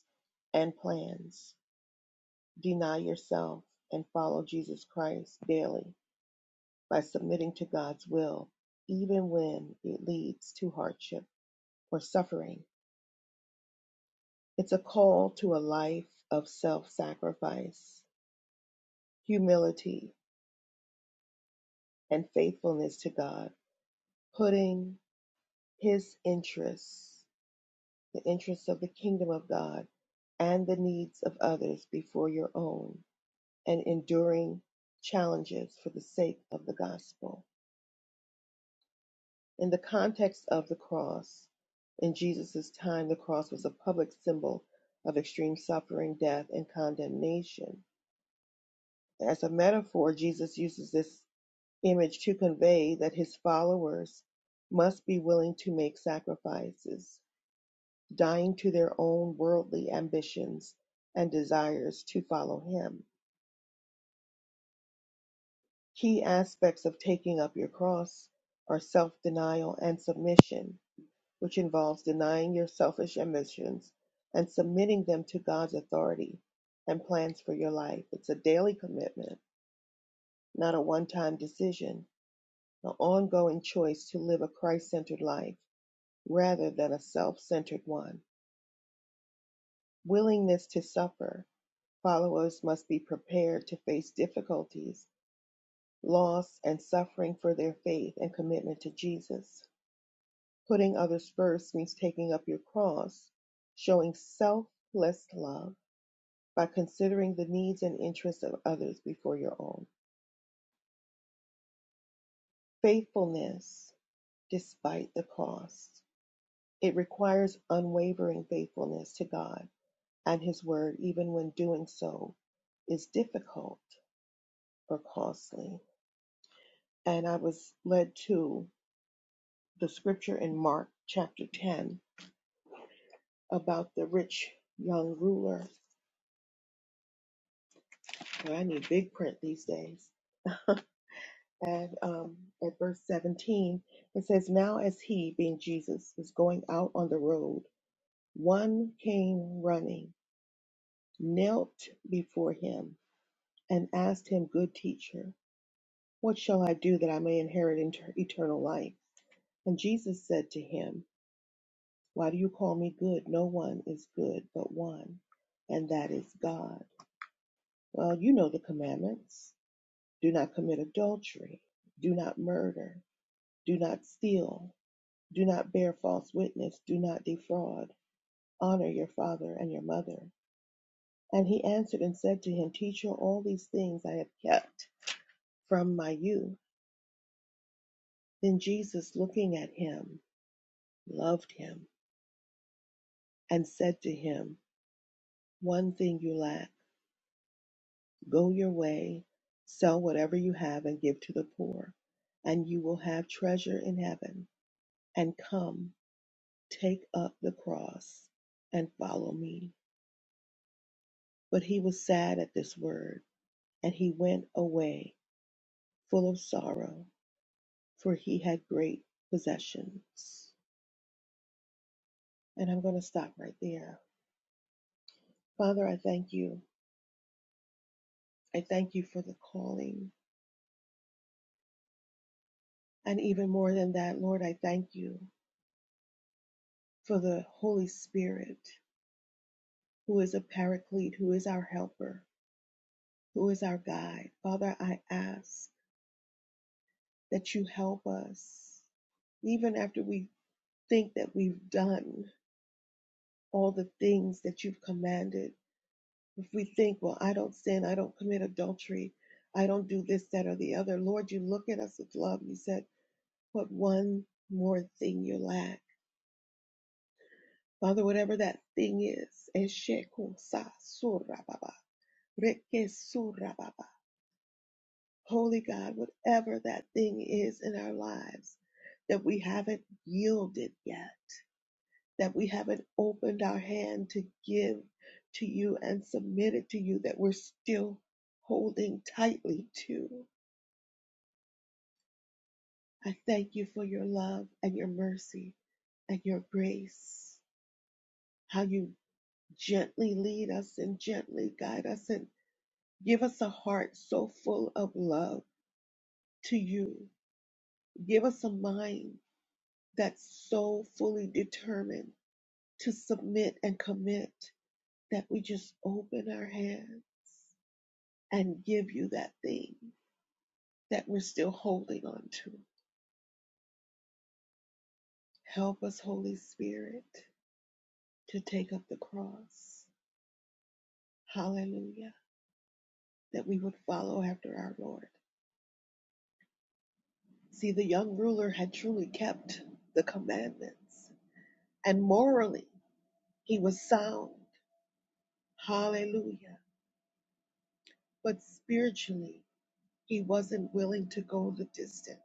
G: and plans, deny yourself, and follow Jesus Christ daily by submitting to God's will, even when it leads to hardship or suffering. It's a call to a life of self sacrifice, humility, and faithfulness to God, putting His interests the interests of the kingdom of God and the needs of others before your own and enduring challenges for the sake of the gospel. In the context of the cross, in Jesus' time, the cross was a public symbol of extreme suffering, death, and condemnation. As a metaphor, Jesus uses this image to convey that his followers must be willing to make sacrifices dying to their own worldly ambitions and desires to follow Him. Key aspects of taking up your cross are self denial and submission, which involves denying your selfish ambitions and submitting them to God's authority and plans for your life. It's a daily commitment, not a one time decision, an ongoing choice to live a Christ centered life rather than a self centered one. Willingness to suffer Followers must be prepared to face difficulties, loss, and suffering for their faith and commitment to Jesus. Putting others first means taking up your cross, showing selfless love by considering the needs and interests of others before your own. Faithfulness despite the cost. It requires unwavering faithfulness to God and His Word, even when doing so is difficult or costly. And I was led to the scripture in Mark chapter 10 about the rich young ruler. Boy, I need big print these days. And um, at verse 17, it says, Now as he, being Jesus, was going out on the road, one came running, knelt before him, and asked him, 'Good teacher, what shall I do that I may inherit inter- eternal life? And Jesus said to him, 'Why do you call me good? No one is good but one, and that is God. Well, you know the commandments do not commit adultery, do not murder, do not steal, do not bear false witness, do not defraud, honor your father and your mother. And he answered and said to him, Teacher, all these things I have kept from my youth. Then Jesus, looking at him, loved him and said to him, One thing you lack. Go your way, sell whatever you have and give to the poor, and you will have treasure in heaven. And come Take up the cross and follow me. But he was sad at this word, and he went away full of sorrow, for he had great possessions. And I'm going to stop right there. Father, I thank you. I thank you for the calling. And even more than that, Lord, I thank you for the Holy Spirit, who is a paraclete, who is our helper, who is our guide. Father, I ask that you help us, even after we think that we've done all the things that you've commanded, if we think, well, I don't sin, I don't commit adultery, I don't do this, that, or the other, Lord, you look at us with love. You said, what one more thing you lack. Father, whatever that thing is, Eshekunsa surababa, rekesurababa. Holy God, whatever that thing is in our lives that we haven't yielded yet that we haven't opened our hand to give to you and submit it to you that we're still holding tightly to. I thank you for your love and your mercy and your grace, how you gently lead us and gently guide us and give us a heart so full of love to you. Give us a mind that's so fully determined to submit and commit that we just open our hands and give you that thing that we're still holding on to. Help us, Holy Spirit, to take up the cross. Hallelujah. That we would follow after our Lord. See, the young ruler had truly kept the commandments, and morally, he was sound. Hallelujah. But spiritually, he wasn't willing to go the distance.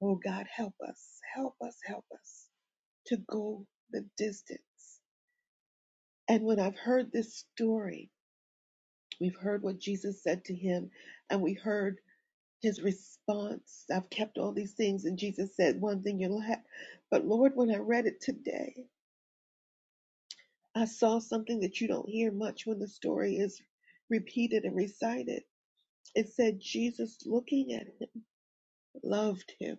G: Oh God, help us, help us, help us to go the distance And when I've heard this story, we've heard what Jesus said to him, and we heard his response. I've kept all these things, and Jesus said, One thing you'll have. But Lord, when I read it today, I saw something that you don't hear much when the story is repeated and recited. It said, Jesus looking at him loved him.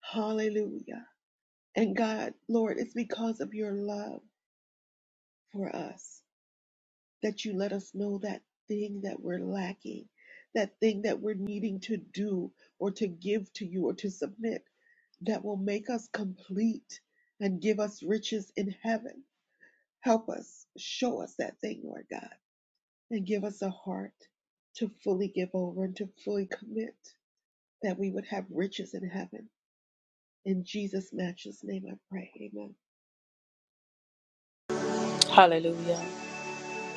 G: Hallelujah. And God, Lord, it's because of your love for us that you let us know that thing that we're lacking, that thing that we're needing to do or to give to you or to submit that will make us complete and give us riches in heaven. Help us, show us that thing, Lord God, and give us a heart to fully give over and to fully commit that we would have riches in heaven. In Jesus' matchless name, I pray. Amen.
A: Hallelujah.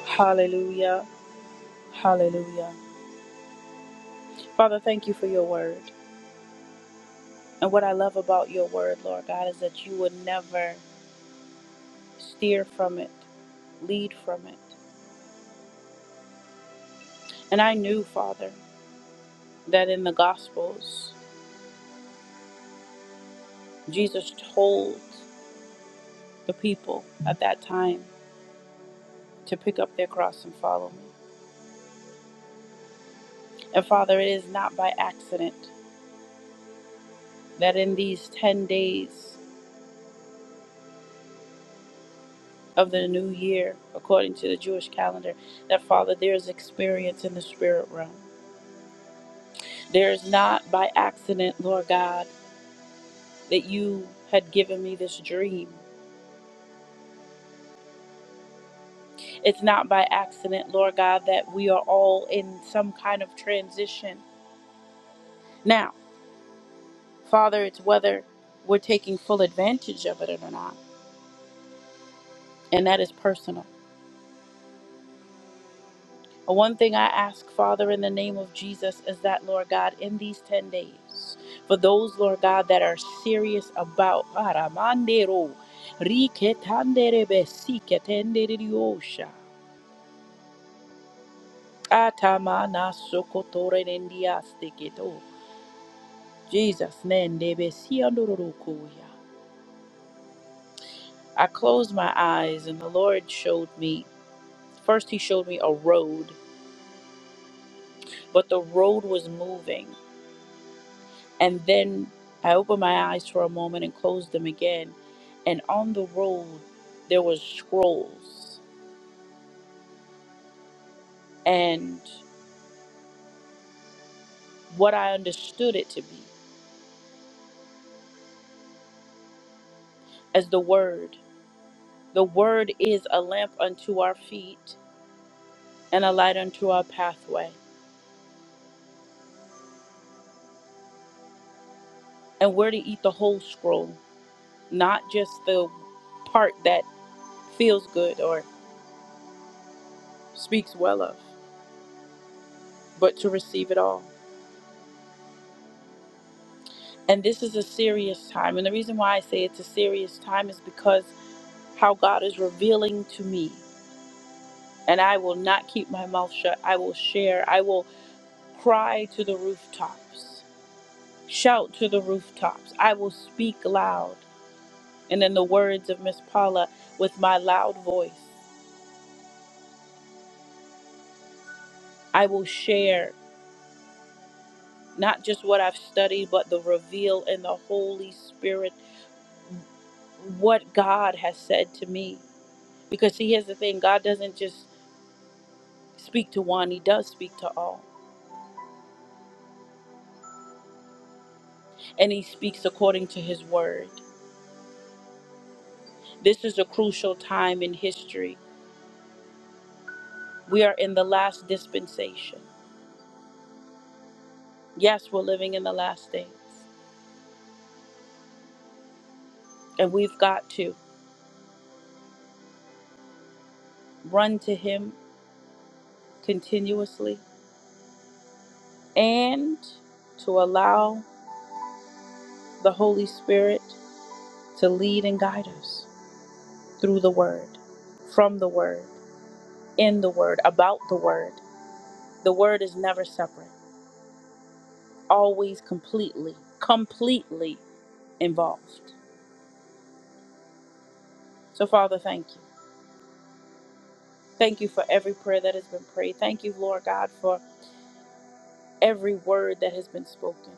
A: Hallelujah. Hallelujah. Father, thank you for your word. And what I love about your word, Lord God, is that you would never steer from it, lead from it. And I knew, Father, that in the Gospels. Jesus told the people at that time to pick up their cross and follow me. And Father, it is not by accident that in these 10 days of the new year, according to the Jewish calendar, that Father, there is experience in the spirit realm. There is not by accident, Lord God, that you had given me this dream. It's not by accident, Lord God, that we are all in some kind of transition now. Father, it's whether we're taking full advantage of it or not, and that is personal. Uh, One thing I ask, Father, in the name of Jesus, is that, Lord God, in these 10 days, for those, Lord God, that are serious about Aramandero, Riketanderebe, Siketenderediosha, Atamana Sokotorenendiasteketo, Jesus, Nendebe, Siandororokoya. I closed my eyes, and the Lord showed me, first, He showed me a road but the road was moving. And then I opened my eyes for a moment and closed them again. And on the road, there was scrolls. And what I understood it to be as the Word. The Word is a lamp unto our feet and a light unto our pathway. And we're to eat the whole scroll, not just the part that feels good or speaks well of, but to receive it all. And this is a serious time. And the reason why I say it's a serious time is because how God is revealing to me. And I will not keep my mouth shut. I will share. I will cry to the rooftops, shout to the rooftops. I will speak loud. And in the words of Miss Paula, with my loud voice, I will share not just what I've studied, but the reveal in the Holy Spirit, what God has said to me. Because see, here's the thing God doesn't just speak to one, he does speak to all, and he speaks according to his word. This is a crucial time in history. We are in the last dispensation. Yes, we're living in the last days, and we've got to run to him continuously and to allow the Holy Spirit to lead and guide us through the word, from the word, in the word, about the word. The word is never separate, always completely, completely involved. So, Father, thank you. Thank you for every prayer that has been prayed. Thank you, Lord God, for every word that has been spoken.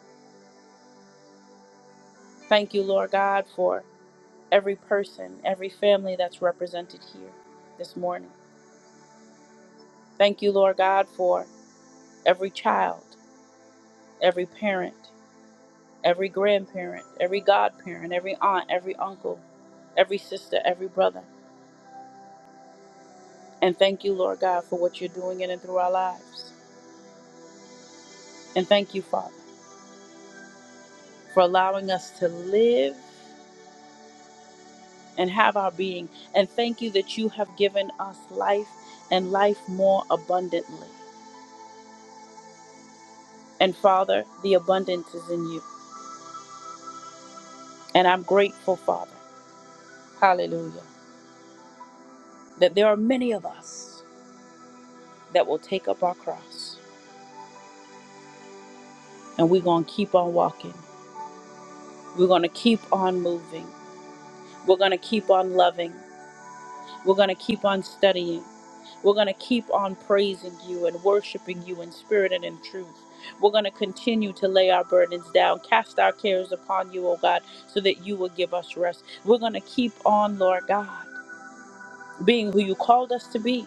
A: Thank you, Lord God, for every person, every family that's represented here this morning. Thank you, Lord God, for every child, every parent, every grandparent, every godparent, every aunt, every uncle, every sister, every brother. And thank you, Lord God, for what you're doing in and through our lives. And thank you, Father, for allowing us to live and have our being. And thank you that you have given us life and life more abundantly. And Father, the abundance is in you. And I'm grateful, Father, hallelujah, that there are many of us that will take up our cross and we're going to keep on walking. We're going to keep on moving. We're going to keep on loving. We're going to keep on studying. We're going to keep on praising you and worshiping you in spirit and in truth. We're going to continue to lay our burdens down, cast our cares upon you, O God, so that you will give us rest. We're going to keep on, Lord God, being who you called us to be.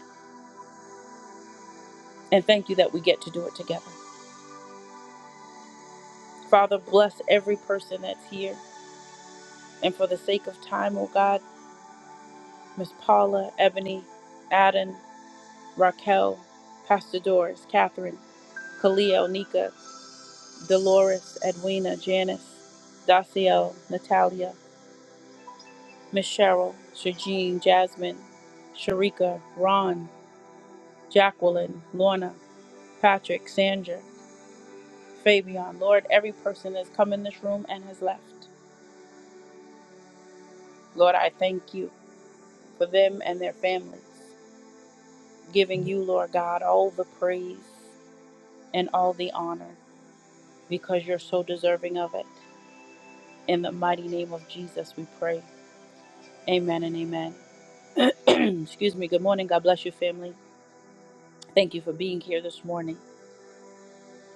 A: And thank you that we get to do it together. Father, bless every person that's here. And for the sake of time, O God, Miss Paula, Ebony, Adam, Raquel, Pastor Doris, Catherine, Kalia, Onika. Dolores, Edwina, Janice, Dacio, Natalia, Miss Cheryl, Shajin, Jasmine, Sharika, Ron, Jacqueline, Lorna, Patrick, Sandra, Fabian. Lord, every person that's come in this room and has left. Lord, I thank you for them and their families, giving you, Lord God, all the praise and all the honor because you're so deserving of it. In the mighty name of Jesus, we pray. Amen and amen. [CLEARS THROAT] Excuse me. Good morning. God bless you, family. Thank you for being here this morning.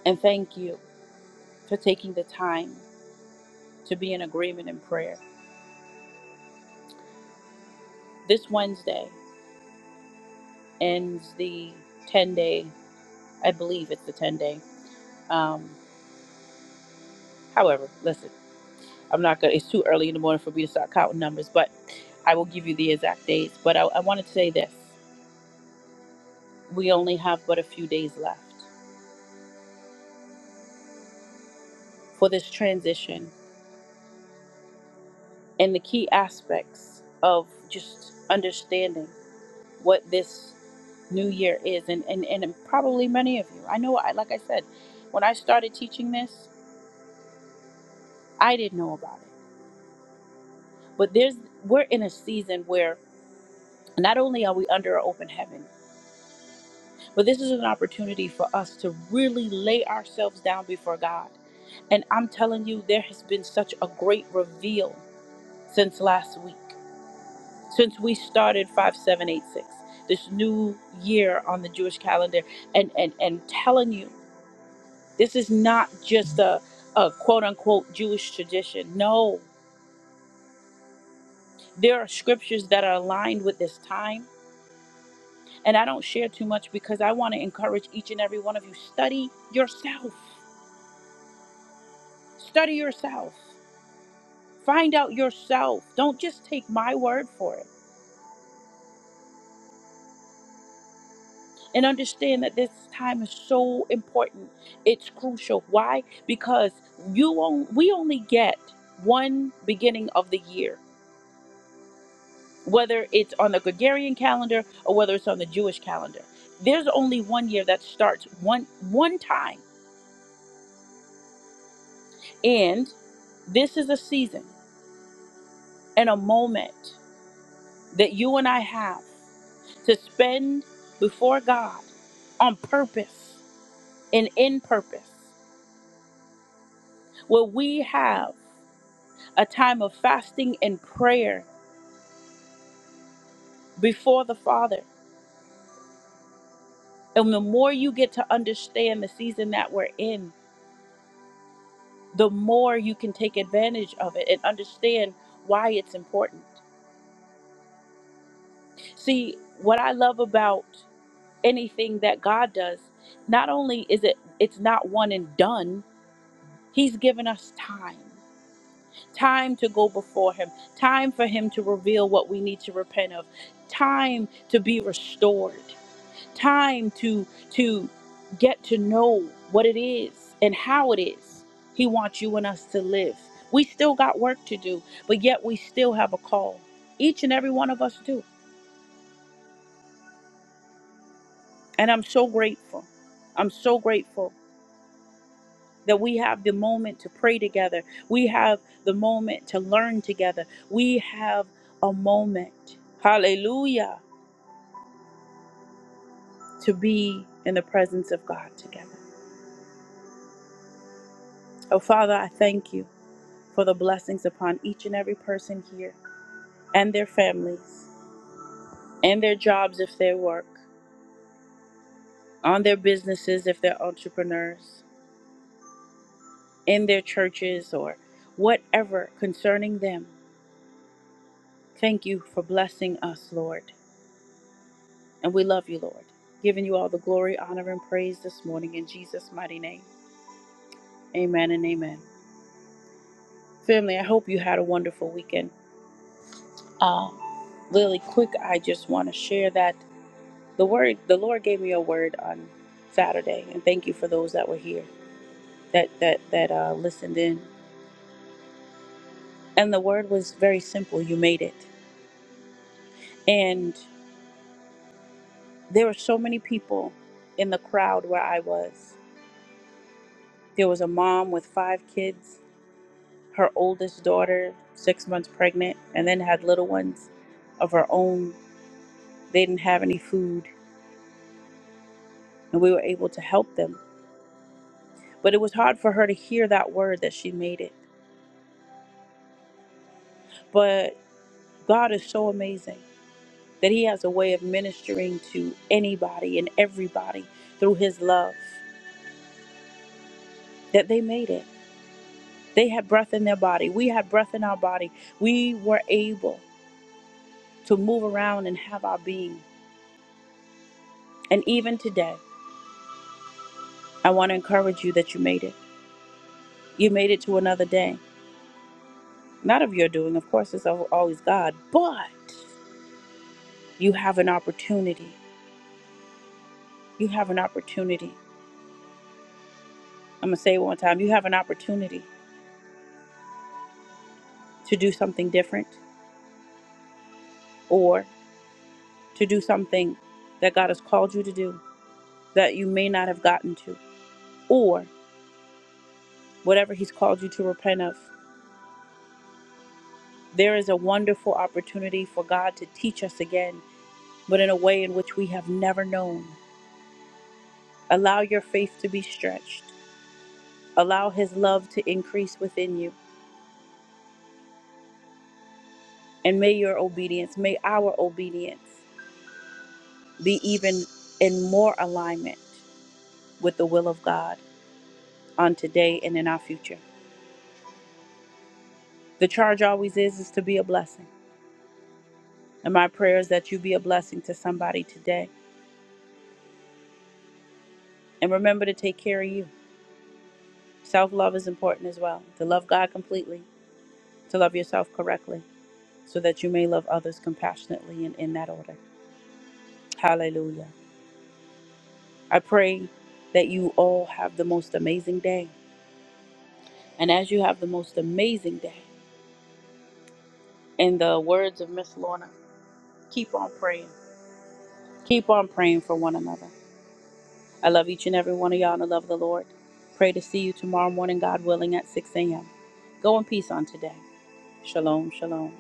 A: And thank you for taking the time to be in agreement in prayer. This Wednesday ends the 10 day, I believe it's the 10 day. Um, however, listen, I'm not going to, it's too early in the morning for me to start counting numbers, but I will give you the exact dates. But I, I wanted to say this we only have but a few days left for this transition and the key aspects of just understanding what this new year is and, and and probably many of you i know i like i said when i started teaching this i didn't know about it but there's we're in a season where not only are we under an open heaven but this is an opportunity for us to really lay ourselves down before god and i'm telling you there has been such a great reveal since last week since we started 5786 this new year on the jewish calendar and and and telling you This is not just a, a quote unquote Jewish tradition. No, there are scriptures that are aligned with this time. And I don't share too much because I want to encourage each and every one of you study yourself. Study yourself. Find out yourself. Don't just take my word for it. And understand that this time is so important. It's crucial. Why? Because you on, we only get one beginning of the year. whether it's on the Gregorian calendar or whether it's on the Jewish calendar. There's only one year that starts one one time. And this is a season and a moment that you and I have to spend before God on purpose and in purpose, where we have a time of fasting and prayer before the Father. And the more you get to understand the season that we're in, the more you can take advantage of it and understand why it's important. See, what I love about anything that God does, not only is it it's not one and done, he's given us time. Time to go before him, time for him to reveal what we need to repent of, time to be restored. time to to get to know what it is and how it is he wants you and us to live we still got work to do but yet we still have a call each and every one of us do and i'm so grateful i'm so grateful that we have the moment to pray together we have the moment to learn together we have a moment hallelujah to be in the presence of god together oh father i thank you for the blessings upon each and every person here and their families and their jobs if they work, on their businesses if they're entrepreneurs, in their churches or whatever concerning them. Thank you for blessing us, Lord. And we love you, Lord. Giving you all the glory, honor, and praise this morning in Jesus' mighty name. Amen and amen. Family, I hope you had a wonderful weekend. Uh, really quick, I just want to share that. The word, the Lord gave me a word on Saturday, and thank you for those that were here that that that uh, listened in. And the word was very simple. You made it. And there were so many people in the crowd where I was. There was a mom with five kids, her oldest daughter, six months pregnant, and then had little ones of her own. They didn't have any food, and we were able to help them. But it was hard for her to hear that word that she made it. But God is so amazing. that He has a way of ministering to anybody and everybody through His love, that they made it. They had breath in their body. We had breath in our body. We were able to move around and have our being. And even today, I want to encourage you that you made it. You made it to another day. Not of your doing, of course, it's al- always God, but you have an opportunity. You have an opportunity. I'm going to say it one time. You have an opportunity to do something different Or to do something that God has called you to do that you may not have gotten to, or whatever He's called you to repent of. There is a wonderful opportunity for God to teach us again, but in a way in which we have never known. Allow your faith to be stretched, allow His love to increase within you, and may your obedience, may our obedience be even in more alignment with the will of God on today and in our future. The charge always is is to be a blessing. And my prayer is that you be a blessing to somebody today. And remember to take care of you. Self love is important as well. To love God completely, to love yourself correctly, so that you may love others compassionately and in that order. Hallelujah. I pray that you all have the most amazing day. And as you have the most amazing day, in the words of Miss Lorna, keep on praying. Keep on praying for one another. I love each and every one of y'all in the love of the Lord. Pray to see you tomorrow morning, God willing, at 6 a.m. Go in peace on today. Shalom, shalom.